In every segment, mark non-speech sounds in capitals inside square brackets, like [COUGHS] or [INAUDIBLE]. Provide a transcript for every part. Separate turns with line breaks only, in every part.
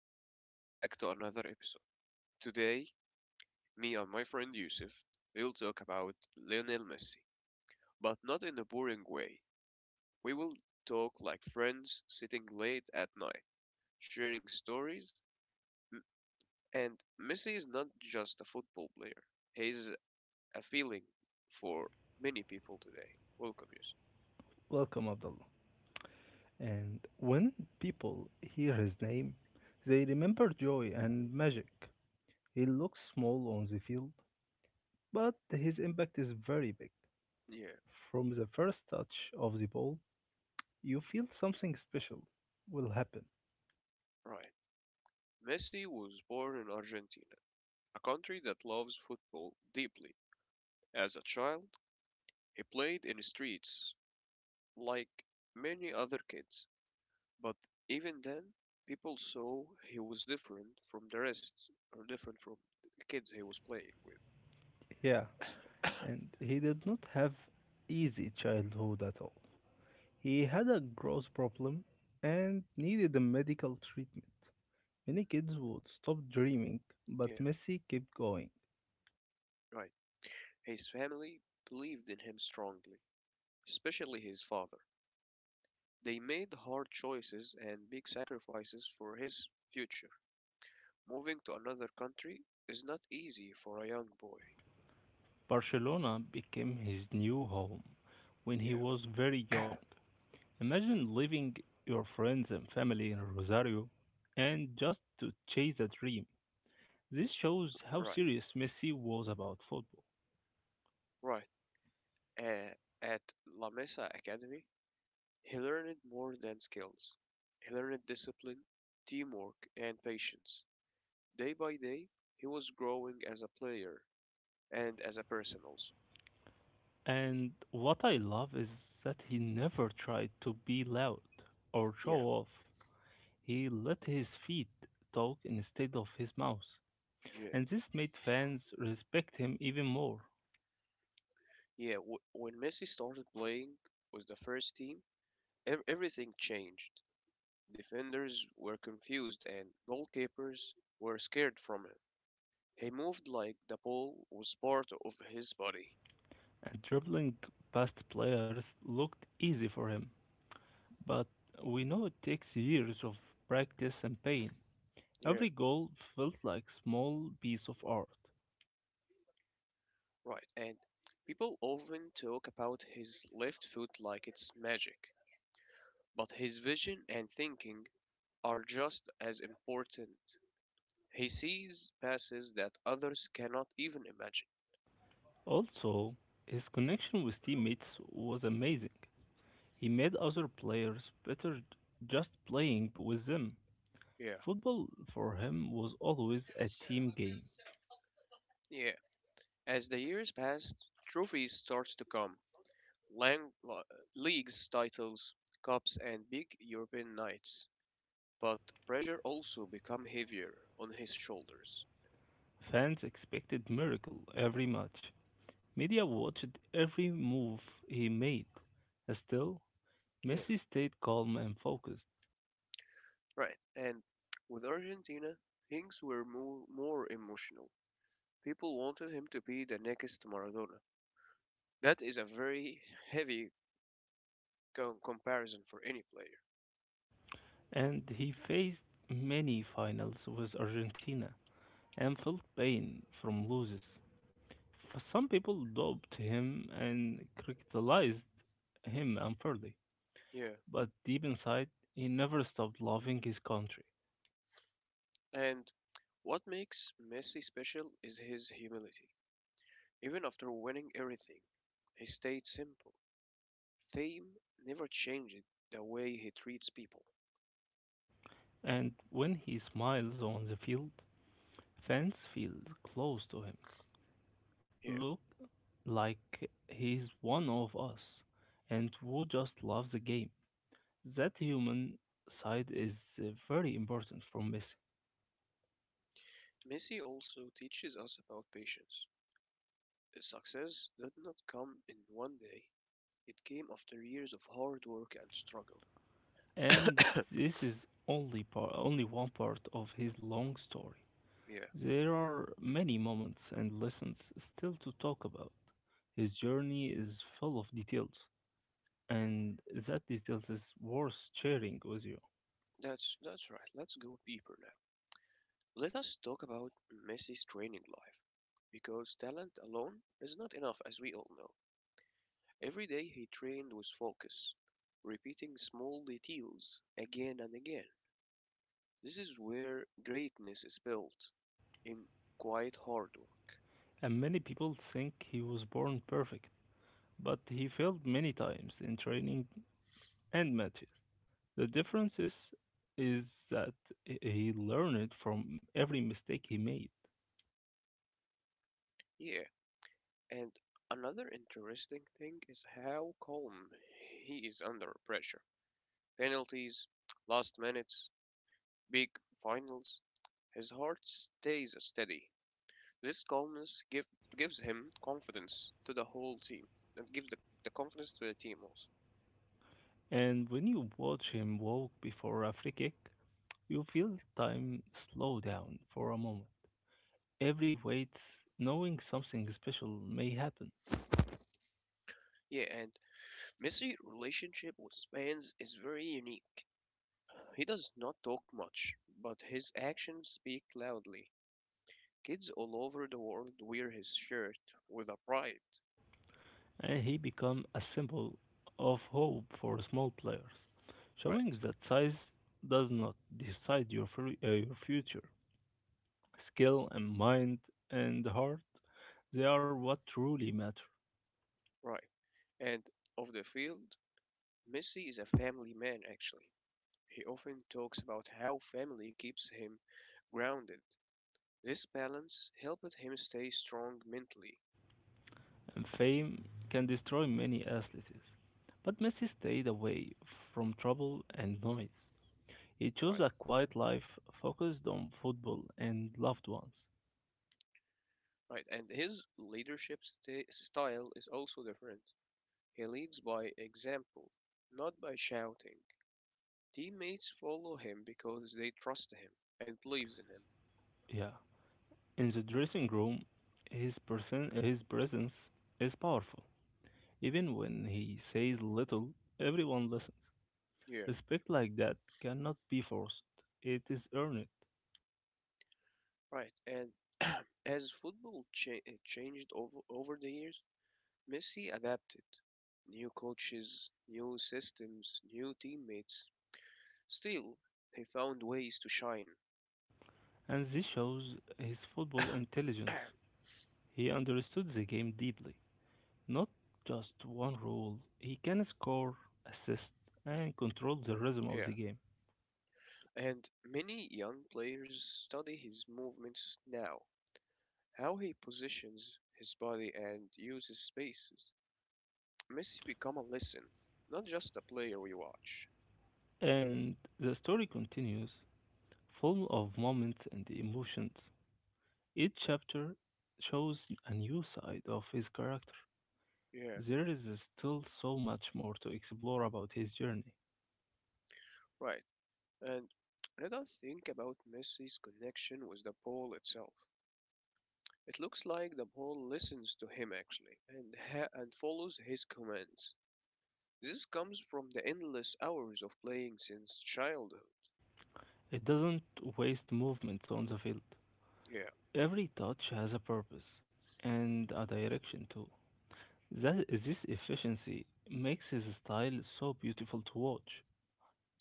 and welcome back to another episode. Today, me and my friend Yusuf will talk about Lionel Messi, but not in a boring way. We will talk like friends sitting late at night, sharing stories. M- And Messi is not just a football player, he's a feeling for many people today. Welcome, Yusuf.
Welcome, Abdullah. And when people hear his name, they remember joy and magic. He looks small on the field, but his impact is very big.
Yeah,
From the first touch of the ball, you feel something special will happen.
right. Messi was born in Argentina, a country that loves football deeply. As a child, he played in the streets like many other kids, but even then, people saw he was different from the rest, or different from the kids he was playing with.
Yeah, and he did not have easy childhood at all. He had a gross problem and needed a medical treatment. Many kids would stop dreaming,
[COUGHS] Yeah,
but Messi kept going.
right. His family believed in him strongly, especially his father. They made hard choices and big sacrifices for his future. Moving to another country is not easy for a young boy.
Barcelona became his new home when he
Yeah,
was very young. Imagine leaving your friends and family in Rosario and just to chase a dream. This shows how
right,
serious Messi was about football.
right. Uh, at La Mesa Academy, he learned more than skills. He learned discipline, teamwork, and patience. Day by day, he was growing as a player and as a person also.
And what I love is that he never tried to be loud or show
Yeah,
off. He let his feet talk instead of his mouth.
yeah,
And this made fans respect him even more.
yeah. When Messi started playing with the first team, everything changed. Defenders were confused and goalkeepers were scared from him. He moved like the ball was part of his body.
And Dribbling past players looked easy for him, but we know it takes years of practice and pain.
Yeah,
Every goal felt like small piece of art.
right. And people often talk about his left foot like it's magic. But his vision and thinking are just as important. He sees passes that others cannot even imagine.
Also, his connection with teammates was amazing. He made other players better just playing with them.
Yeah,
Football for him was always a team game.
yeah. As the years passed, trophies starts to come. Lang- la- Leagues, titles, cups, and big European nights. But pressure also become heavier on his shoulders.
Fans expected miracle every match. Media watched every move he made. Still,
Yeah,
Messi stayed calm and focused,
right. And with Argentina, things were more emotional. People wanted him to be the next Maradona. That is a very heavy comparison for any player.
and he faced many finals with Argentina and felt pain from losses. Some people doubted him and criticized him unfairly,
Yeah.
but deep inside, he never stopped loving his country.
And what makes Messi special is his humility. Even after winning everything, he stayed simple. Fame never changed the way he treats people.
And when he smiles on the field, fans feel close to him,
Yeah.
look like he's one of us, and who just loves the game. That human side is very important from Messi,
Messi also teaches us about patience. Success did not come in one day. It came after years of hard work and struggle.
and this is only part, only one part of his long story.
[COUGHS] Yeah,
There are many moments and lessons still to talk about. His journey is full of details, and that details is worth sharing with you.
that's right. Let's go deeper now. Let us talk about Messi's training life, because talent alone is not enough, as we all know. Every day he trained with focus, repeating small details again and again. This is where greatness is built in quiet hard work.
And many people think he was born perfect, but he failed many times in training and matches. The difference is, is that he learned from every mistake he made.
Yeah, and another interesting thing is how calm he is under pressure. Penalties, last minutes, big finals, his heart stays steady. This calmness gives him confidence to the whole team. It gives the confidence to the team also.
And when you watch him walk before a free kick, you feel time slow down for a moment. Every wait, knowing something special may happen,
Yeah, and Messi's relationship with fans is very unique. He does not talk much, but his actions speak loudly. Kids all over the world wear his shirt with a pride.
and he become a symbol of hope for small players, showing
Right,
that size does not decide your future. Skill and mind and heart, they are what truly matter.
right. And off the field, Messi is a family man actually. He often talks about how family keeps him grounded. This balance helped him stay strong mentally.
And fame can destroy many athletes. But Messi stayed away from trouble and noise. He chose
Right,
a quiet life focused on football and loved ones.
right. And his leadership style is also different. He leads by example, not by shouting. Teammates follow him because they trust him and believes in him.
Yeah. In the dressing room, his presence is powerful. Even when he says little, everyone listens.
Yeah,
Respect like that cannot be forced, it is earned.
right. And [CLEARS THROAT] as football changed over the years, Messi adapted. New coaches, new systems, new teammates. Still, he found ways to shine.
And this shows his
[CLEARS THROAT]
football intelligence.
[COUGHS]
He understood the game deeply. Not just one role. He can score, assist, and control the rhythm of
Yeah,
the game.
and many young players study his movements now, how he positions his body and uses spaces. Messi become a lesson, not just a player we watch.
And the story continues, full of moments and emotions. Each chapter shows a new side of his character.
Yeah,
There is still so much more to explore about his journey.
right. And let us think about Messi's connection with the ball itself. It looks like the ball listens to him actually and follows his commands. This comes from the endless hours of playing since childhood.
It doesn't waste movements on the field.
Yeah,
Every touch has a purpose and a direction too. This efficiency makes his style so beautiful to watch.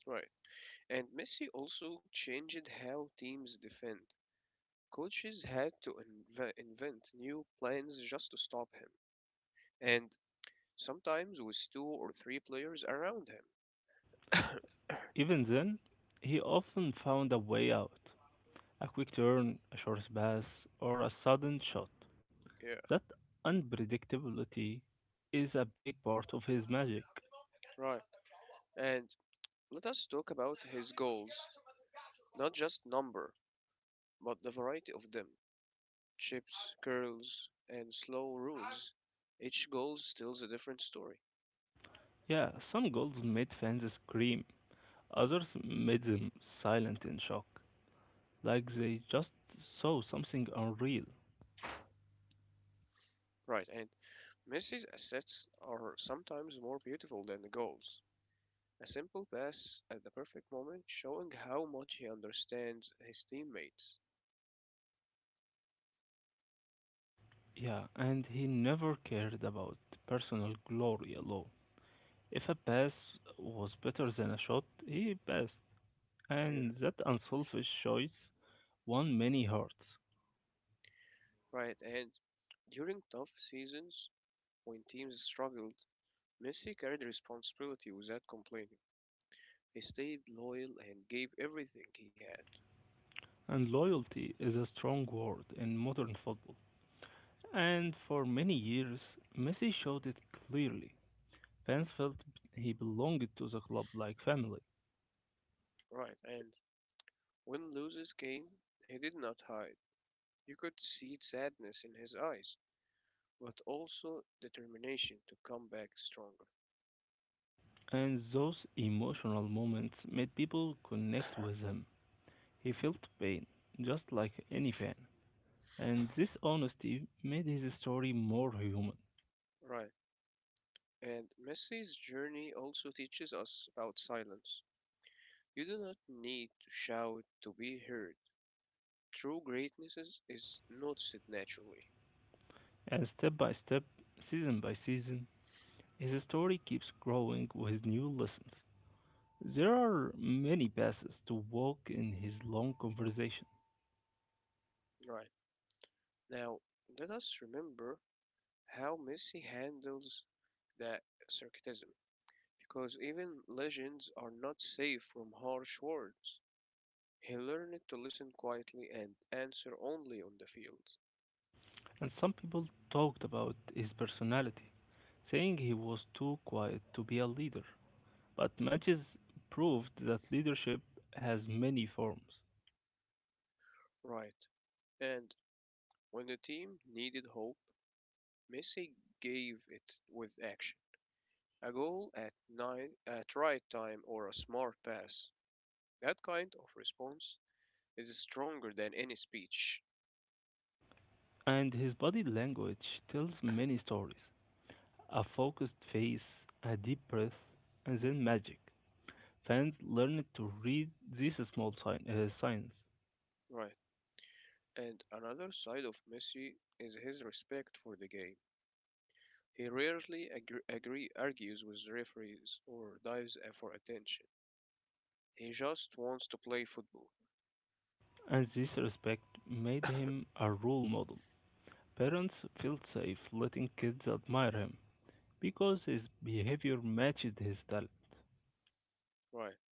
right. And Messi also changed how teams defend. Coaches had to invent new plans just to stop him, and sometimes with two or three players around him. [COUGHS]
Even then, he often found a way out, a quick turn, a short pass, or a sudden shot.
Yeah,
That unpredictability is a big part of his magic.
right. And let us talk about his goals. Not just number, but the variety of them. Chips, curls, and slow rules. Each goal tells a different story.
Yeah, some goals made fans scream, others made them silent in shock, like they just saw something unreal.
Right, and Messi's assists are sometimes more beautiful than the goals. A simple pass at the perfect moment showing how much he understands his teammates.
Yeah, and he never cared about personal glory alone. If a pass was better than a shot, he passed.
Yeah,
And that unselfish choice won many hearts.
right. And during tough seasons, when teams struggled, Messi carried responsibility without complaining. He stayed loyal and gave everything he had.
And loyalty is a strong word in modern football. And for many years, Messi showed it clearly. Fans felt he belonged to the club like family.
Right. And when losses came, he did not hide. You could see sadness in his eyes, but also determination to come back stronger.
And those emotional moments made people connect with
[COUGHS]
him. He felt pain, just like any fan. And this honesty made his story more human.
Right. And Messi's journey also teaches us about silence. You do not need to shout to be heard. True greatness is noticed naturally.
And step by step, season by season, his story keeps growing with new lessons. There are many paths to walk in his long conversation,
Right. Now, let us remember how Messi handles that sarcasm. Because even legends are not safe from harsh words. He learned to listen quietly and answer only on the field.
and some people talked about his personality, saying he was too quiet to be a leader. But matches proved that leadership has many forms,
Right. And when the team needed hope, Messi gave it with action. A goal at right time or a smart pass. That kind of response is stronger than any speech.
and his body language tells many stories. A focused face, a deep breath, and then magic. Fans learned to read these small signs
Right. And another side of Messi is his respect for the game. He rarely argues with referees or dives for attention. He just wants to play football.
and this respect made him a role model. Parents felt safe letting kids admire him because his behavior matched his talent.
Right.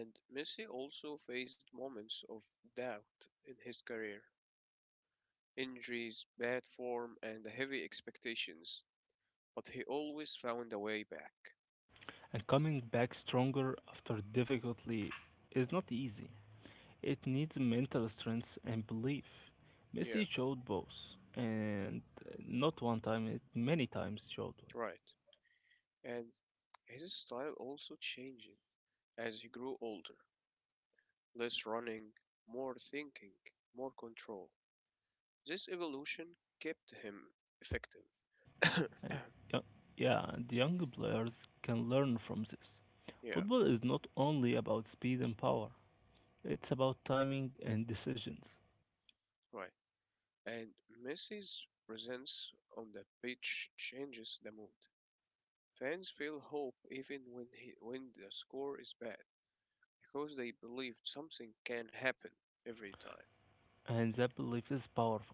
And Messi also faced moments of doubt in his career. Injuries, bad form, and heavy expectations but he always found a way back.
And coming back stronger after difficulty is not easy. It needs mental strength and belief.
Yeah,
Messi showed both, and not one time, it many times showed
right. And his style also changed as he grew older. Less running, more thinking, more control. This evolution kept him effective.
one. Uh, Yeah, and young players can learn from this.
[COUGHS] Yeah,
Football is not only about speed and power, it's about timing and decisions,
right. And Messi's presence on the pitch changes the mood. Fans feel hope even when when the score is bad because they believe something can happen every time.
and that belief is powerful.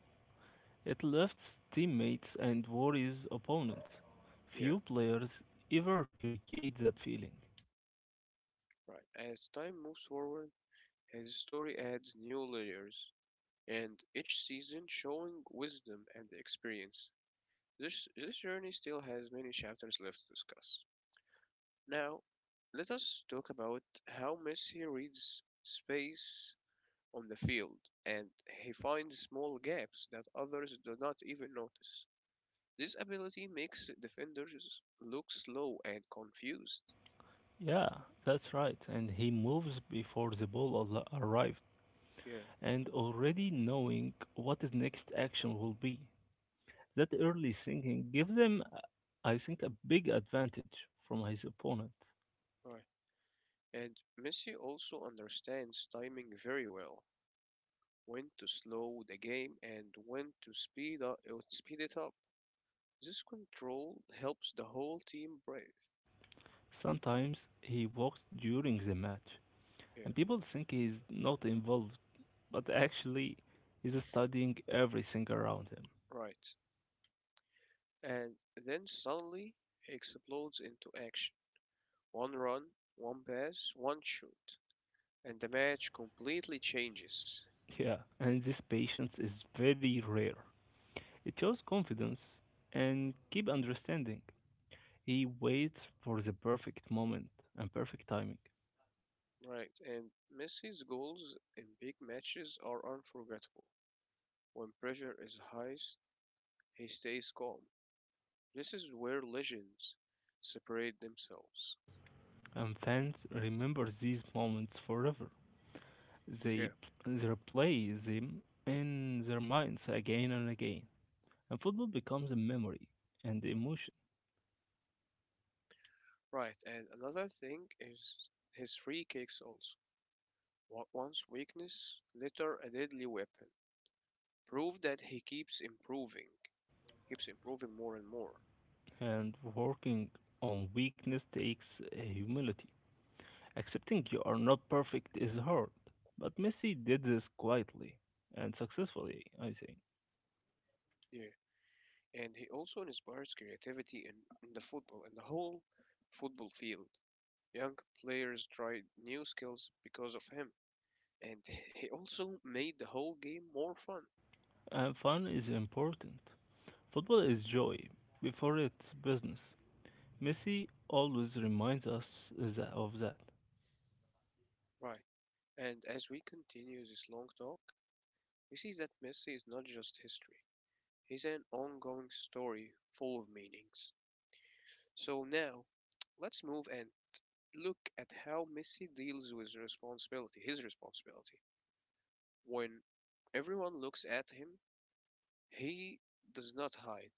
It lifts teammates and worries opponents.
Yeah,
Few players ever create that feeling.
right. As time moves forward, his story adds new layers, and each season showing wisdom and experience. This journey still has many chapters left to discuss. Now, let us talk about how Messi reads space on the field and he finds small gaps that others do not even notice. This ability makes defenders look slow and confused.
Yeah, that's right, and he moves before the ball arrived,
Yeah,
and already knowing what his next action will be. That early thinking gives him, I think, a big advantage from his opponent.
right. And Messi also understands timing very well, when to slow the game, and when to speed it up. This control helps the whole team breathe.
Sometimes he walks during the match,
Yeah,
and people think he's not involved, but actually is studying everything around him.
right. And then suddenly explodes into action. One run, one pass, one shoot, and the match completely changes.
Yeah, and this patience is very rare. It shows confidence and keep understanding. He waits for the perfect moment and perfect timing.
Right, and Messi's goals in big matches are unforgettable. When pressure is highest, he stays calm. This is where legends separate themselves.
And fans remember these moments forever. They,
Yeah,
they replay them in their minds again and again. And football becomes a memory and emotion.
right, and another thing is his free kicks also. Once weakness, later a deadly weapon. Prove that he keeps improving more and more.
And working on weakness takes humility. Accepting you are not perfect is hard, but Messi did this quietly and successfully, I think.
Yeah, and he also inspires creativity in the whole football field. Young players tried new skills because of him, and [LAUGHS] he also made the whole game more fun.
And fun is important. Football is joy before it's business. Messi always reminds us of that.
Right, and as we continue this long talk, we see that Messi is not just history, is an ongoing story full of meanings. So now, let's move and look at how Messi deals with responsibility, his responsibility. When everyone looks at him, he does not hide.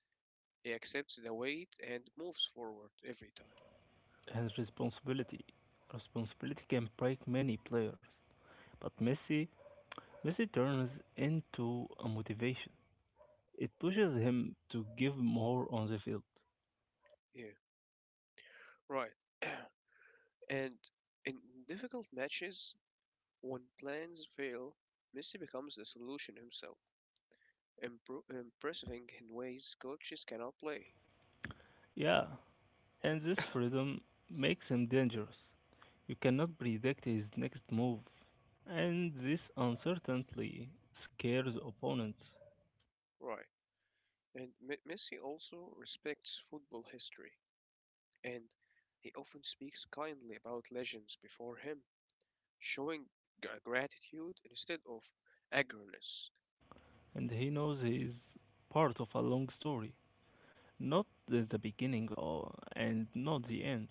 He accepts the weight and moves forward every time.
And responsibility. Responsibility can break many players, but Messi turns into a motivation. It pushes him to give more on the field.
Yeah, right. [CLEARS THROAT] And in difficult matches, when plans fail, Messi becomes the solution himself, impressing in ways coaches cannot play.
Yeah, and this freedom makes him dangerous. You cannot predict his next move, and this uncertainty scares opponents.
Right. And Messi also respects football history, and he often speaks kindly about legends before him, showing gratitude instead of agroness.
And he knows he is part of a long story, not the beginning or, and not the end.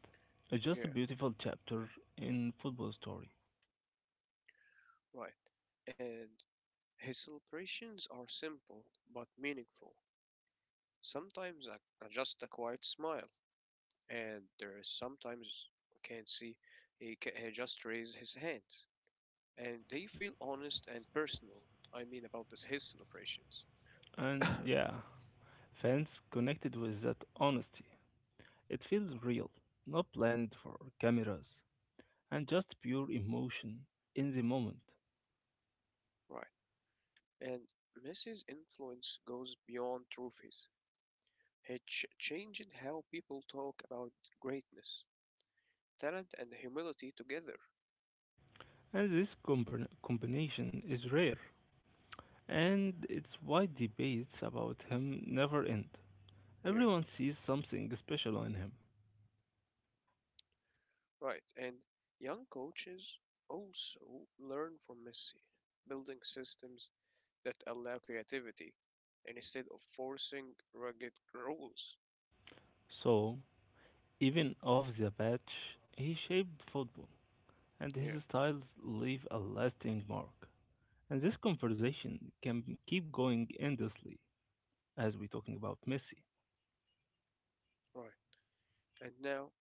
It's just
Yeah,
a beautiful chapter in football story.
right. And his celebrations are simple but meaningful. Sometimes just a quiet smile, and there is sometimes I can't see he just raise his hand, and they feel honest and personal. I mean about this his celebrations. [COUGHS]
And yeah, fans connected with that honesty. It feels real, not planned for cameras, and just pure emotion in the moment.
Right. And Messi's influence goes beyond trophies. He changed how people talk about greatness, talent, and humility together.
And this combination is rare and it's why debates about him never end.
Yeah,
Everyone sees something special in him.
right. And young coaches also learn from Messi, building systems that allow creativity and instead of forcing rugged rules.
So, even off the pitch, he shaped football, and
Yeah,
his styles leave a lasting mark. And this conversation can keep going endlessly as we're talking about Messi.
right. And now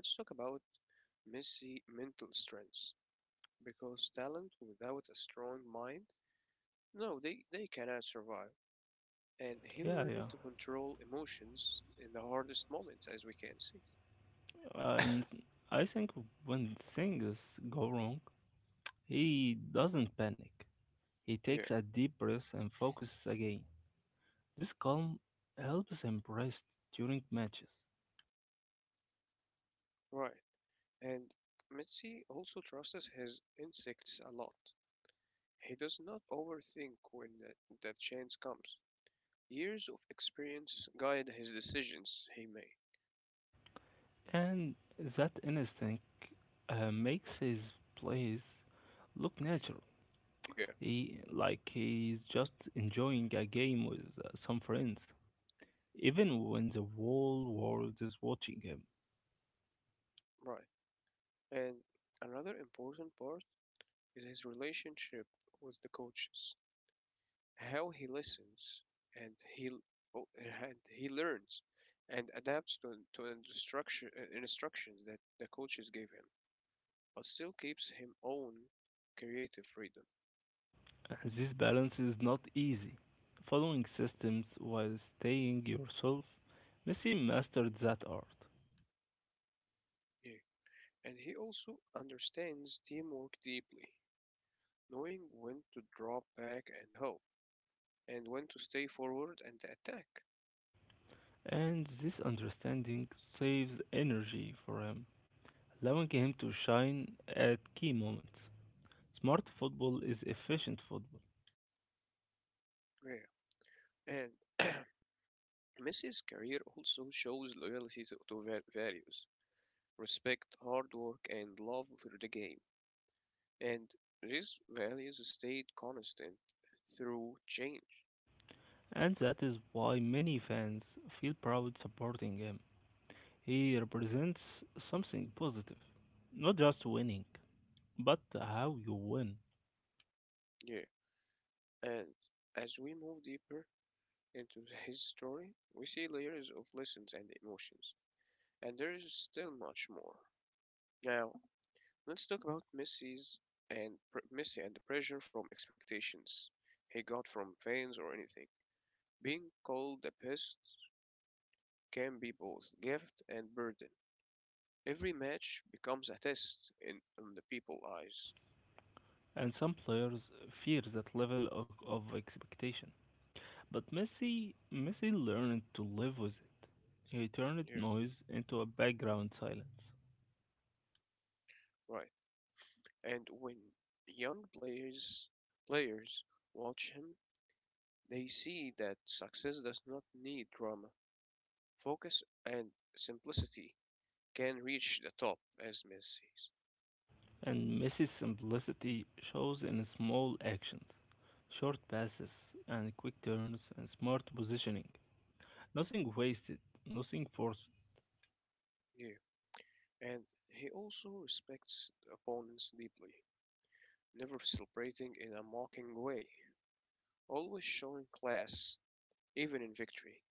let's talk about Messi mental strengths because talent without a strong mind, no, they cannot survive. And he
Yeah,
learned
yeah.
to control emotions in the hardest moments, as we can see.
And I think when things go wrong, he doesn't panic. He takes
Yeah,
a deep breath and focuses again. This calm helps him rest during matches,
right. And Mitzi also trusts his instincts a lot. He does not overthink when that chance comes. Years of experience guide his decisions he made.
and that instinct makes his plays look natural.
Yeah,
He like he's just enjoying a game with some friends, even when the whole world is watching him.
right. And another important part is his relationship with the coaches, how he listens and he l- o- and he learns and adapts to instructions that the coaches gave him, but still keeps him own creative freedom.
This balance is not easy. Following systems while staying yourself, Messi mastered that art,
Yeah. And he also understands teamwork deeply, knowing when to drop back and help, and when to stay forward and attack.
and this understanding saves energy for him allowing him to shine at key moments. Smart football is efficient football,
Yeah. And [CLEARS THROAT] Messi's career also shows loyalty to values, respect, hard work, and love for the game. And these values stayed constant through change.
and that is why many fans feel proud supporting him. He represents something positive, not just winning, but how you win.
Yeah, and as we move deeper into his story, we see layers of lessons and emotions, and there is still much more. Now, let's talk about and Missy and the pressure from expectations he got from fans or anything. Being called a pest can be both gift and burden. Every match becomes a test in the people's eyes.
And some players fear that level of expectation. But Messi learned to live with it. He turned
Yeah,
noise into a background silence.
right. And when young players watch him, they see that success does not need drama. Focus and simplicity can reach the top, as Messi says.
And Messi's simplicity shows in small actions. Short passes and quick turns and smart positioning. Nothing wasted, nothing forced.
Yeah. And he also respects opponents deeply, never celebrating in a mocking way, always showing class, even in victory.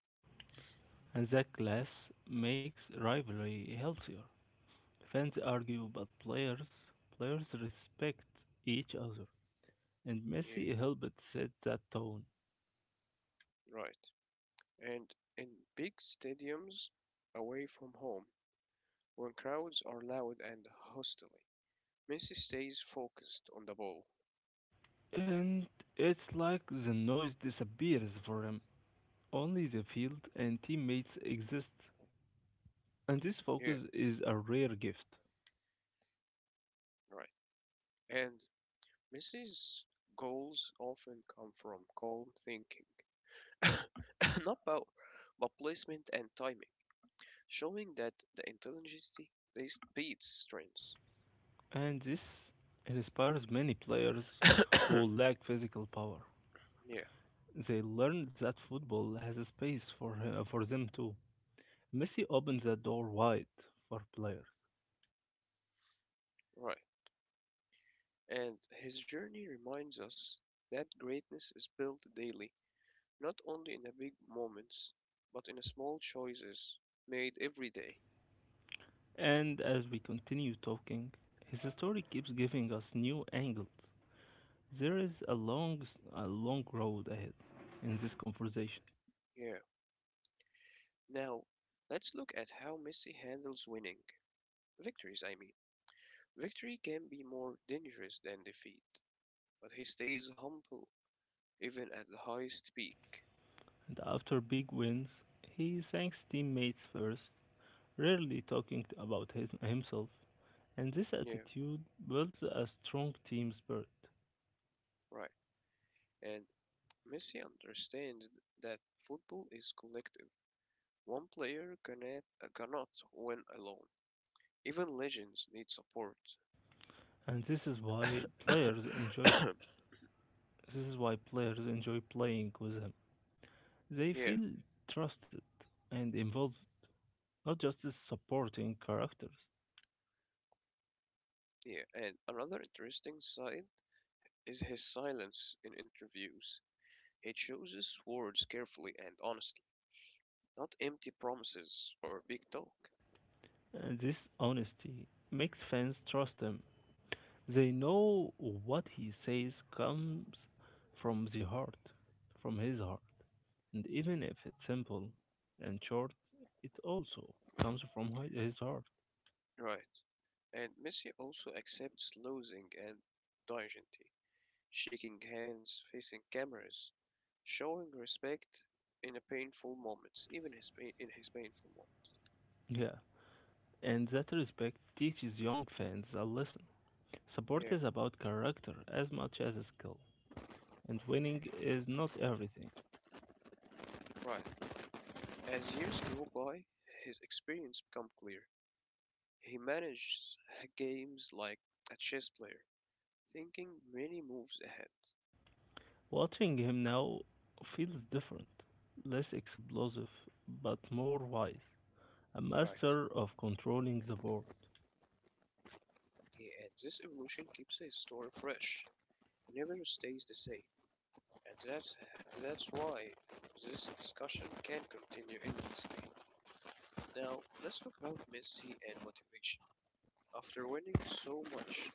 And that class makes rivalry healthier. Fans argue, but players respect each other. And
Yeah,
Messi helped set that tone.
right. And in big stadiums away from home, when crowds are loud and hostile, Messi stays focused on the ball.
And it's like the noise disappears for him. Only the field and teammates exist. And this
Yeah,
focus is a rare gift.
right. And Messi's goals often come from calm thinking, [COUGHS] not power, but placement and timing, showing that the intelligence beats strength.
And this inspires many players who lack physical power.
[COUGHS] yeah,
They learn that football has a space for them too. Messi opens the door wide for players.
right. And his journey reminds us that greatness is built daily, not only in the big moments, but in the small choices made every day.
And as we continue talking, his story keeps giving us new angles. There is a long road ahead in this conversation.
Yeah. Now, let's look at how Messi handles winning. Victories, I mean. Victory can be more dangerous than defeat, but he stays humble even at the highest peak.
And after big wins, he thanks teammates first, rarely talking about himself. And this
Yeah,
attitude builds a strong team spirit.
right. And Messi understands that football is collective. One player cannot, cannot win alone. Even legends need support.
And this is why players enjoy
[COUGHS]
this is why players enjoy playing with him. They
yeah,
feel trusted and involved, not just as supporting characters.
yeah. And another interesting side is his silence in interviews. It chooses words carefully and honestly, not empty promises or big talk.
And this honesty makes fans trust him. They know what he says comes from the heart, from his heart. And even if it's simple and short, it also comes from his heart.
Right. And Messi also accepts losing and dignity, shaking hands, facing cameras, showing respect in a painful moments, even his pain, in his painful moment.
Yeah, in that respect, teaches young fans a lesson. Support is about character as much as skill, and winning is not everything.
Yeah, right. As years go by, his experience become clear. He manages games like a chess player, thinking many moves ahead.
Watching him now feels different, less explosive, but more wise. A
Right.
master of controlling the board.
And this evolution keeps the story fresh. It never stays the same, and that's why this discussion can continue endlessly. Now, let's talk about Messi and motivation. After winning so much,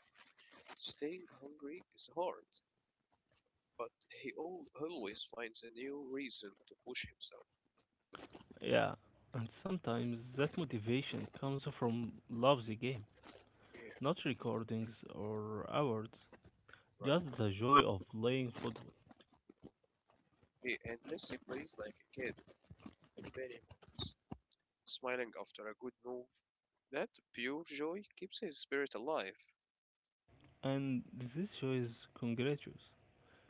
staying hungry is hard, but he always finds a new reason to push himself.
Yeah, and sometimes that motivation comes from love the game,
Yeah,
not recordings or awards, just the
right.
joy of playing football.
And Messi plays like a kid in many moments, smiling after a good move. That pure joy keeps his spirit alive.
And this joy is contagious.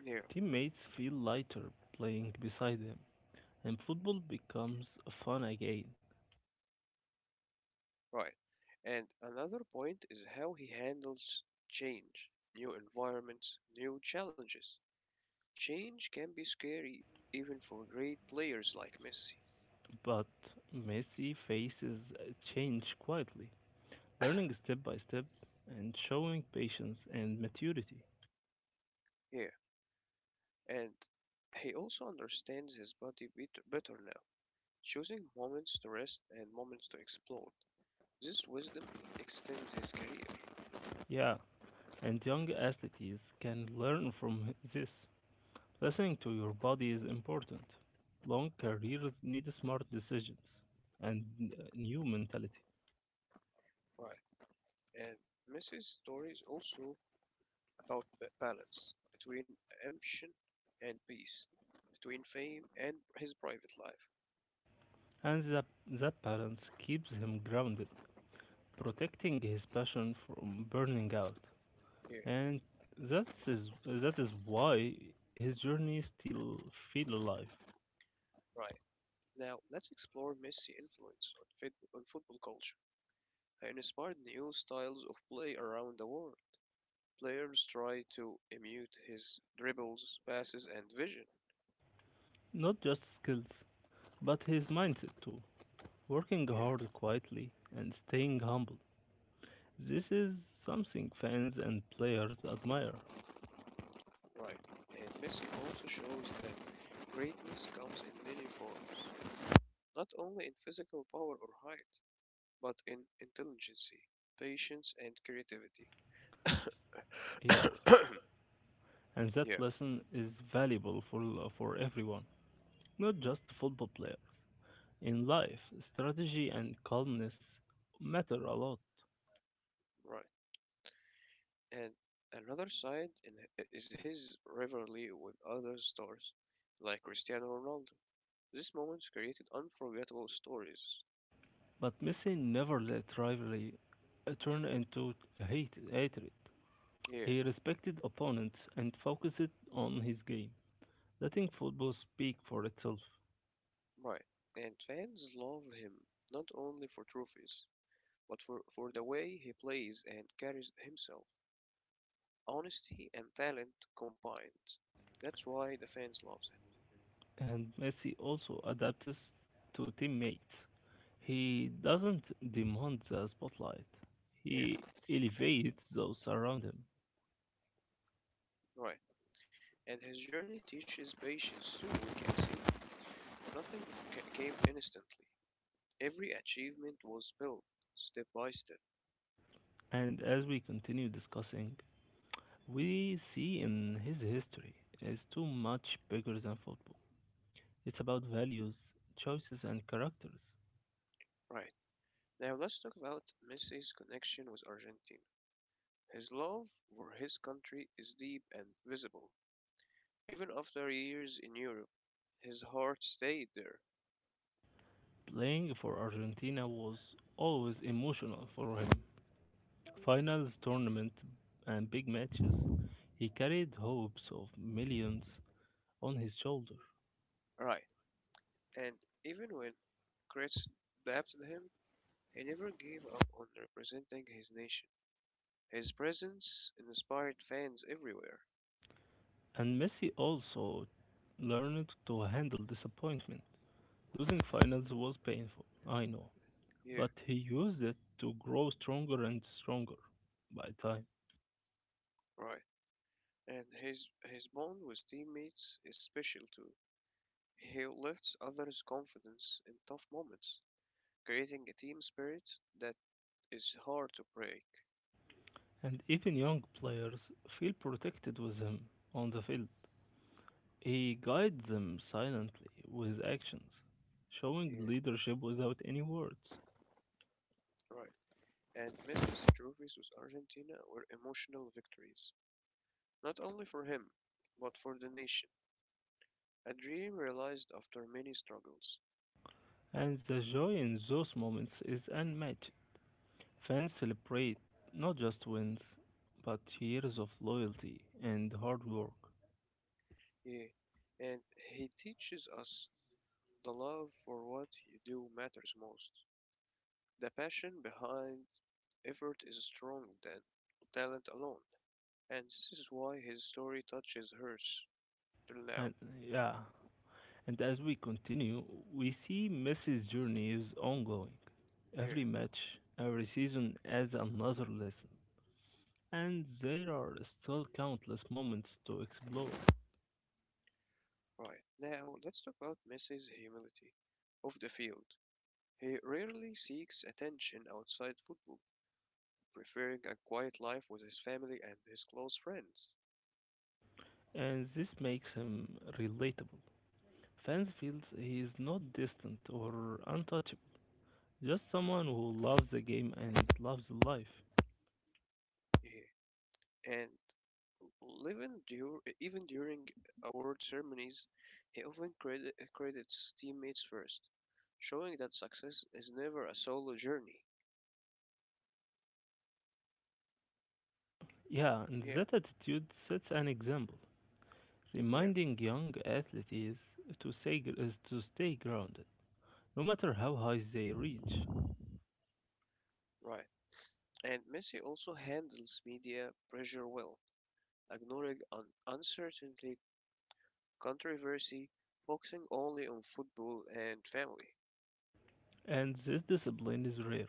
Yeah,
Teammates feel lighter playing beside them, and football becomes fun again.
right. And another point is how he handles change, new environments, new challenges. Change can be scary even for great players like Messi
But Messi faces change quietly, learning step by step and showing patience and maturity.
here. And he also understands his body bit better now, choosing moments to rest and moments to explode. This wisdom extends his career.
Yeah, and young athletes can learn from this. Listening to your body is important. Long careers need smart decisions and new mentality.
Right. And Messi's story is also about the balance between ambition and peace, between fame and his private life
And that, that balance keeps him grounded, protecting his passion from burning out.
here.
And that is why his journey still feel alive.
Right. Now, let's explore Messi's influence on, on football culture. He inspired new styles of play around the world. Players try to emulate his dribbles, passes, and vision.
Not just skills, but his mindset too. Working
Yeah,
hard quietly and staying humble. This is something fans and players admire.
right. And Messi also shows that greatness comes in many forms, not only in physical power or height, but in intelligence, patience, and creativity.
Yeah, and that
[COUGHS] yeah,
lesson is valuable for everyone, not just football players. In life, strategy and calmness matter a lot.
right. And another side is his rivalry with other stars, like Cristiano Ronaldo. These moments created unforgettable stories.
But Messi never let rivalry turn into hatred.
Yeah,
He respected opponents and focused on his game, letting football speak for itself.
right. And fans love him not only for trophies, but for the way he plays and carries himself. Honesty and talent combined. That's why the fans love
And Messi also adapts to teammates. He doesn't demand the spotlight,
him. Yeah,
he elevates those around him.
right. And his journey teaches patience too, we can see. Nothing came instantly. Every achievement was built step by step.
And as we continue discussing, we see in his history is too much bigger than football. It's about values, choices, and characters.
Right. Now let's talk about Messi's connection with Argentina. His love for his country is deep and visible. Even after years in Europe, his heart stayed there.
Playing for Argentina was always emotional for him. Finals, tournament, and big matches, he carried hopes of millions on his shoulder.
Right. And even when critics doubted him, he never gave up on representing his nation. His presence inspired fans everywhere.
And Messi also learned to handle disappointment. Losing finals was painful, I know,
Yeah,
but he used it to grow stronger and stronger by time.
right. And his bond with teammates is special too. He lifts others' confidence in tough moments, creating a team spirit that is hard to break.
And even young players feel protected with him on the field. He guides them silently with his actions, showing
Yeah,
leadership without any words.
right. And Messi's trophies with Argentina were emotional victories, not only for him, but for the nation. A dream realized after many struggles.
And the joy in those moments is unmatched. Fans celebrate not just wins, but years of loyalty and hard work.
Yeah, and he teaches us the love for what you do matters most. The passion behind effort is stronger than talent alone, and this is why his story touches hers. To now,
And yeah, and as we continue, we see Messi's journey is ongoing.
yeah,
Every match, every season adds another lesson, and there are still countless moments to explore.
right. Now, let's talk about Messi's humility. Off the field, he rarely seeks attention outside football, preferring a quiet life with his family and his close friends.
And this makes him relatable. Fans feels he is not distant or untouchable, just someone who loves the game and loves life.
Yeah. And even, even during award ceremonies, he often credits teammates first, showing that success is never a solo journey.
Yeah, and
Yeah,
that attitude sets an example,
yeah,
reminding young athletes to say is to stay grounded, no matter how high they reach.
right. And Messi also handles media pressure well, ignoring uncertainty controversy, focusing only on football and family.
And this discipline is rare.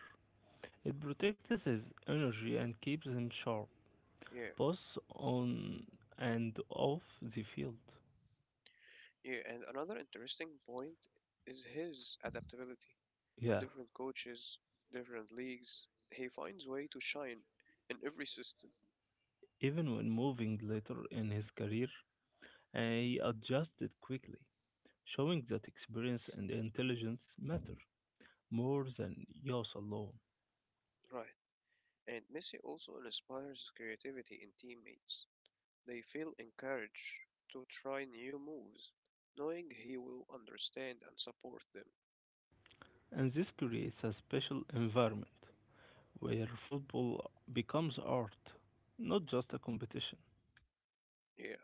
It protects his energy and keeps him sharp,
Yeah,
both on and off the field.
yeah. And another interesting point is his adaptability.
Yeah.
Different coaches, different leagues, he finds way to shine in every system.
Even when moving later in his career, he adjusted quickly, showing that experience and intelligence matter more than youth alone.
Right. And Messi also inspires creativity in teammates. They feel encouraged to try new moves, knowing he will understand and support them.
And this creates a special environment where football becomes art, not just a competition.
Yeah.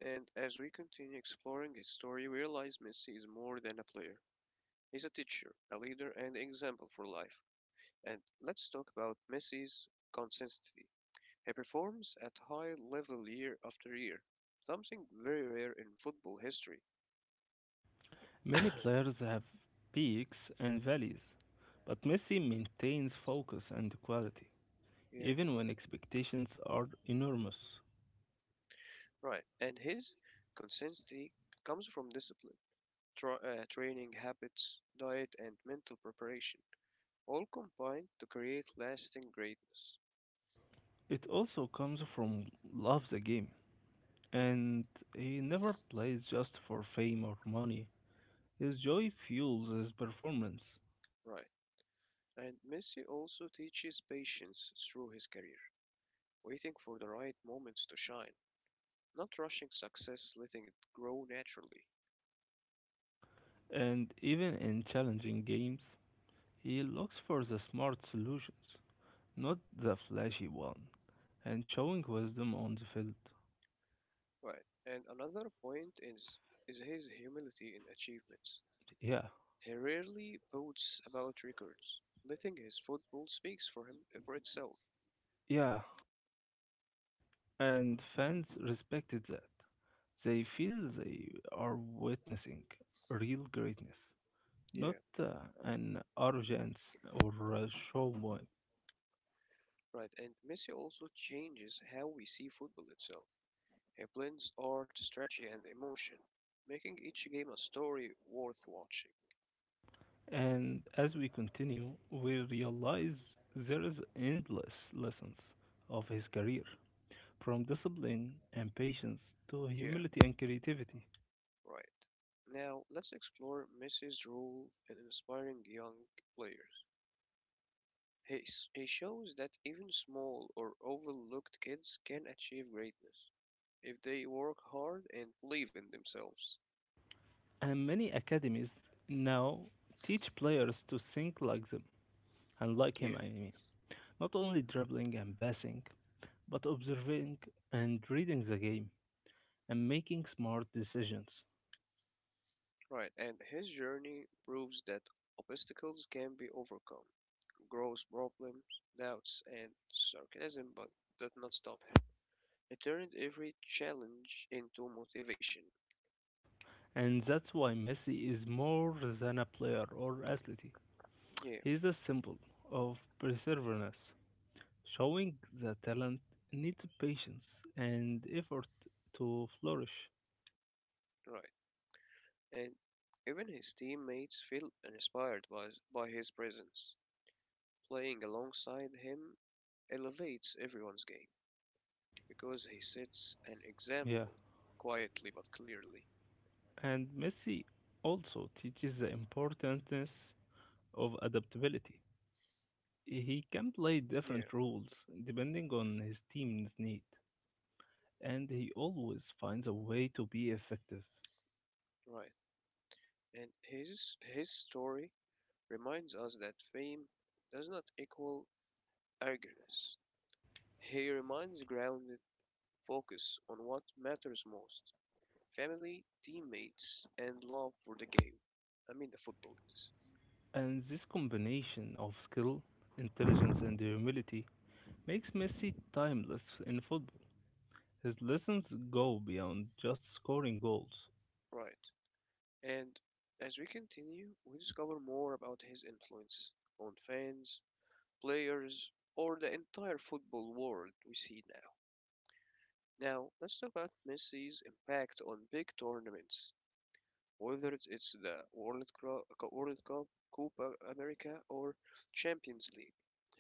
And as we continue exploring his story, we realize Messi is more than a player. He's a teacher, a leader, and example for life. And let's talk about Messi's consistency. He performs at high level year after year, something very rare in football history.
Many players have peaks and valleys, but Messi maintains focus and quality,
Yeah,
even when expectations are enormous.
right. And his consistency comes from discipline, training habits, diet, and mental preparation, all combined to create lasting greatness.
It also comes from love the game, and he never plays just for fame or money. His joy fuels his performance.
Right. And Messi also teaches patience through his career, waiting for the right moments to shine. Not rushing success, letting it grow naturally.
And even in challenging games, he looks for the smart solutions, not the flashy one, and showing wisdom on the field.
Right. And another point is his humility in achievements.
Yeah,
He rarely boasts about records, letting his football speaks for him for itself.
yeah. And fans respected that. They feel they are witnessing real greatness, not
Yeah,
an arrogance or a show.
right. And Messi also changes how we see football itself. He blends art, strategy, and emotion, making each game a story worth watching.
And as we continue, we realize there is endless lessons of his career, from discipline and patience to
Yeah,
humility and creativity.
right. Now let's explore Messi's role in inspiring young players. He shows that even small or overlooked kids can achieve greatness if they work hard and believe in themselves.
And many academies now teach players to think like them and like
Yeah,
him, I mean. Not only dribbling and passing, but observing and reading the game and making smart decisions.
right. And his journey proves that obstacles can be overcome. Gross problems, doubts, and sarcasm, but that not stop him. He turned every challenge into motivation.
And that's why Messi is more than a player or athlete.
Yeah,
He is the symbol of perseverance, showing that talent needs patience and effort to flourish.
right. And even his teammates feel inspired by his presence. Playing alongside him elevates everyone's game because he sets an
Yeah,
example quietly but clearly.
and Messi also teaches the importance of adaptability. He can play
Yeah,
different roles depending on his team's need, and he always finds a way to be effective.
right. And his story reminds us that fame does not equal arrogance. He reminds grounded focus on what matters most: family, teammates, and love for the game. I mean the football in this.
And this combination of skill, intelligence, and humility makes Messi timeless in football. His lessons go beyond just scoring goals.
Right. And as we continue, we discover more about his influence on fans, players, or the entire football world we see now. Now, let's talk about Messi's impact on big tournaments, whether it's the World Cup, Copa America, or Champions League.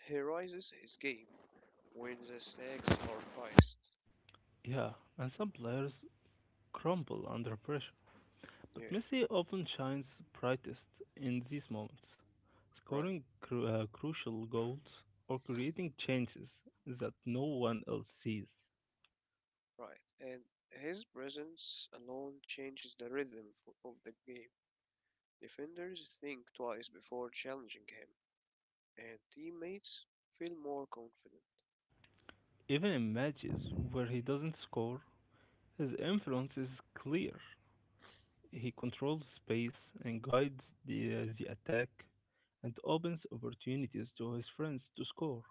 He rises his game when the stakes are highest.
Yeah, and some players crumble under pressure,
Yeah,
but Messi often shines brightest in these moments,
right,
scoring crucial goals or creating chances that no one else sees.
right. And his presence alone changes the rhythm of the game. Defenders think twice before challenging him, and teammates feel more confident.
Even in matches where he doesn't score, his influence is clear. He controls space and guides the attack and opens opportunities to his friends to score.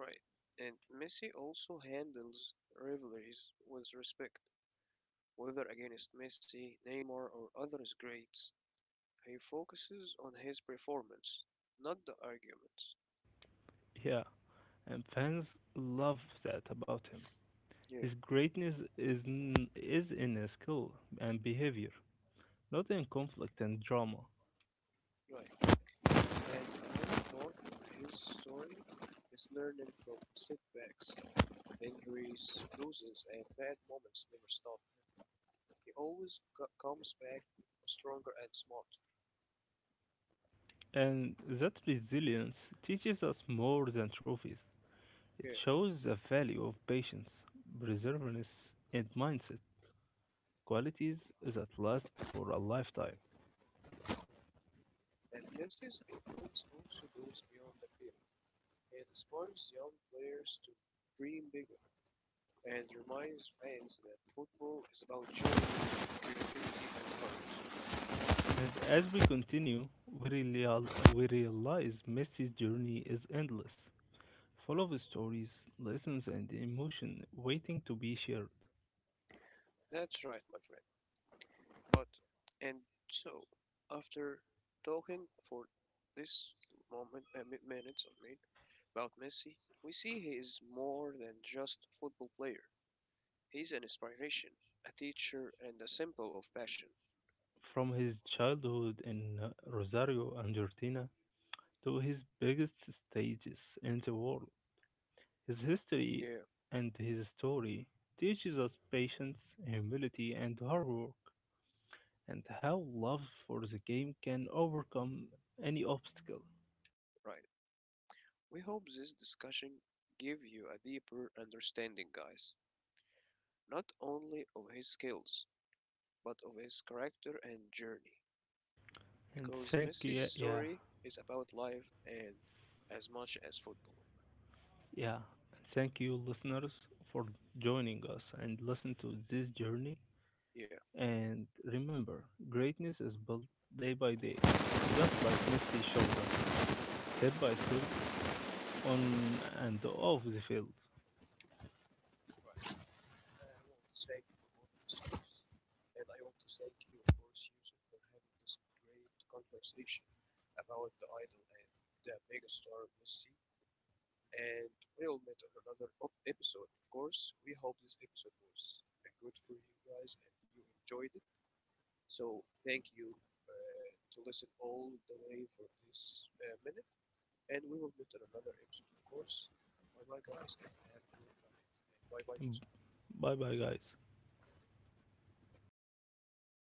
Right. And Messi also handles rivalries with respect, whether against Messi, Neymar, or other greats. He focuses on his performance, not the arguments.
Yeah, and fans love that about him.
Yeah.
His greatness is in his skill and behavior, not in conflict and drama.
Right. And another part of his story is learning from setbacks, injuries, losses, and bad moments never stop. He always comes back stronger and smarter.
And that resilience teaches us more than trophies. It
Yeah.
shows the value of patience, perseverance, and mindset, qualities that last for a lifetime.
And Messi's influence also goes beyond the field. It inspires young players to dream bigger, and reminds fans that football is about joy, creativity, and heart.
And as we continue, we realize Messi's journey is endless, full of stories, lessons, and emotion waiting to be shared.
That's right, my friend. But, and so, after talking for this moment, minutes, I mean, about Messi, we see he is more than just a football player. He's an inspiration, a teacher, and a symbol of passion.
From his childhood in Rosario, Argentina, to his biggest stages in the world, his history
Yeah,
and his story teaches us patience, humility, and hard work, and how love for the game can overcome any obstacle.
right. We hope this discussion give you a deeper understanding, guys. Not only of his skills, but of his character and journey,
And
because
thank you,
Messi's
yeah, yeah,
story is about life and as much as football.
yeah. And thank you, listeners, for joining us and listen to this journey.
Yeah.
And remember, greatness is built day by day, just like Messi showed us, step by step on and off the field.
Right. I want to thank you for all the listeners, and I want to thank you, of course, Yusuf, for having this great conversation about the idol and the megastar Messi. And we'll meet on another episode, of course. We hope this episode was good for you guys and you enjoyed it. So thank you uh, to listen all the way for this minute, and we will meet in another episode, of course. Bye bye, guys, and have a good night. Bye bye, Yusuf.
Bye bye, guys.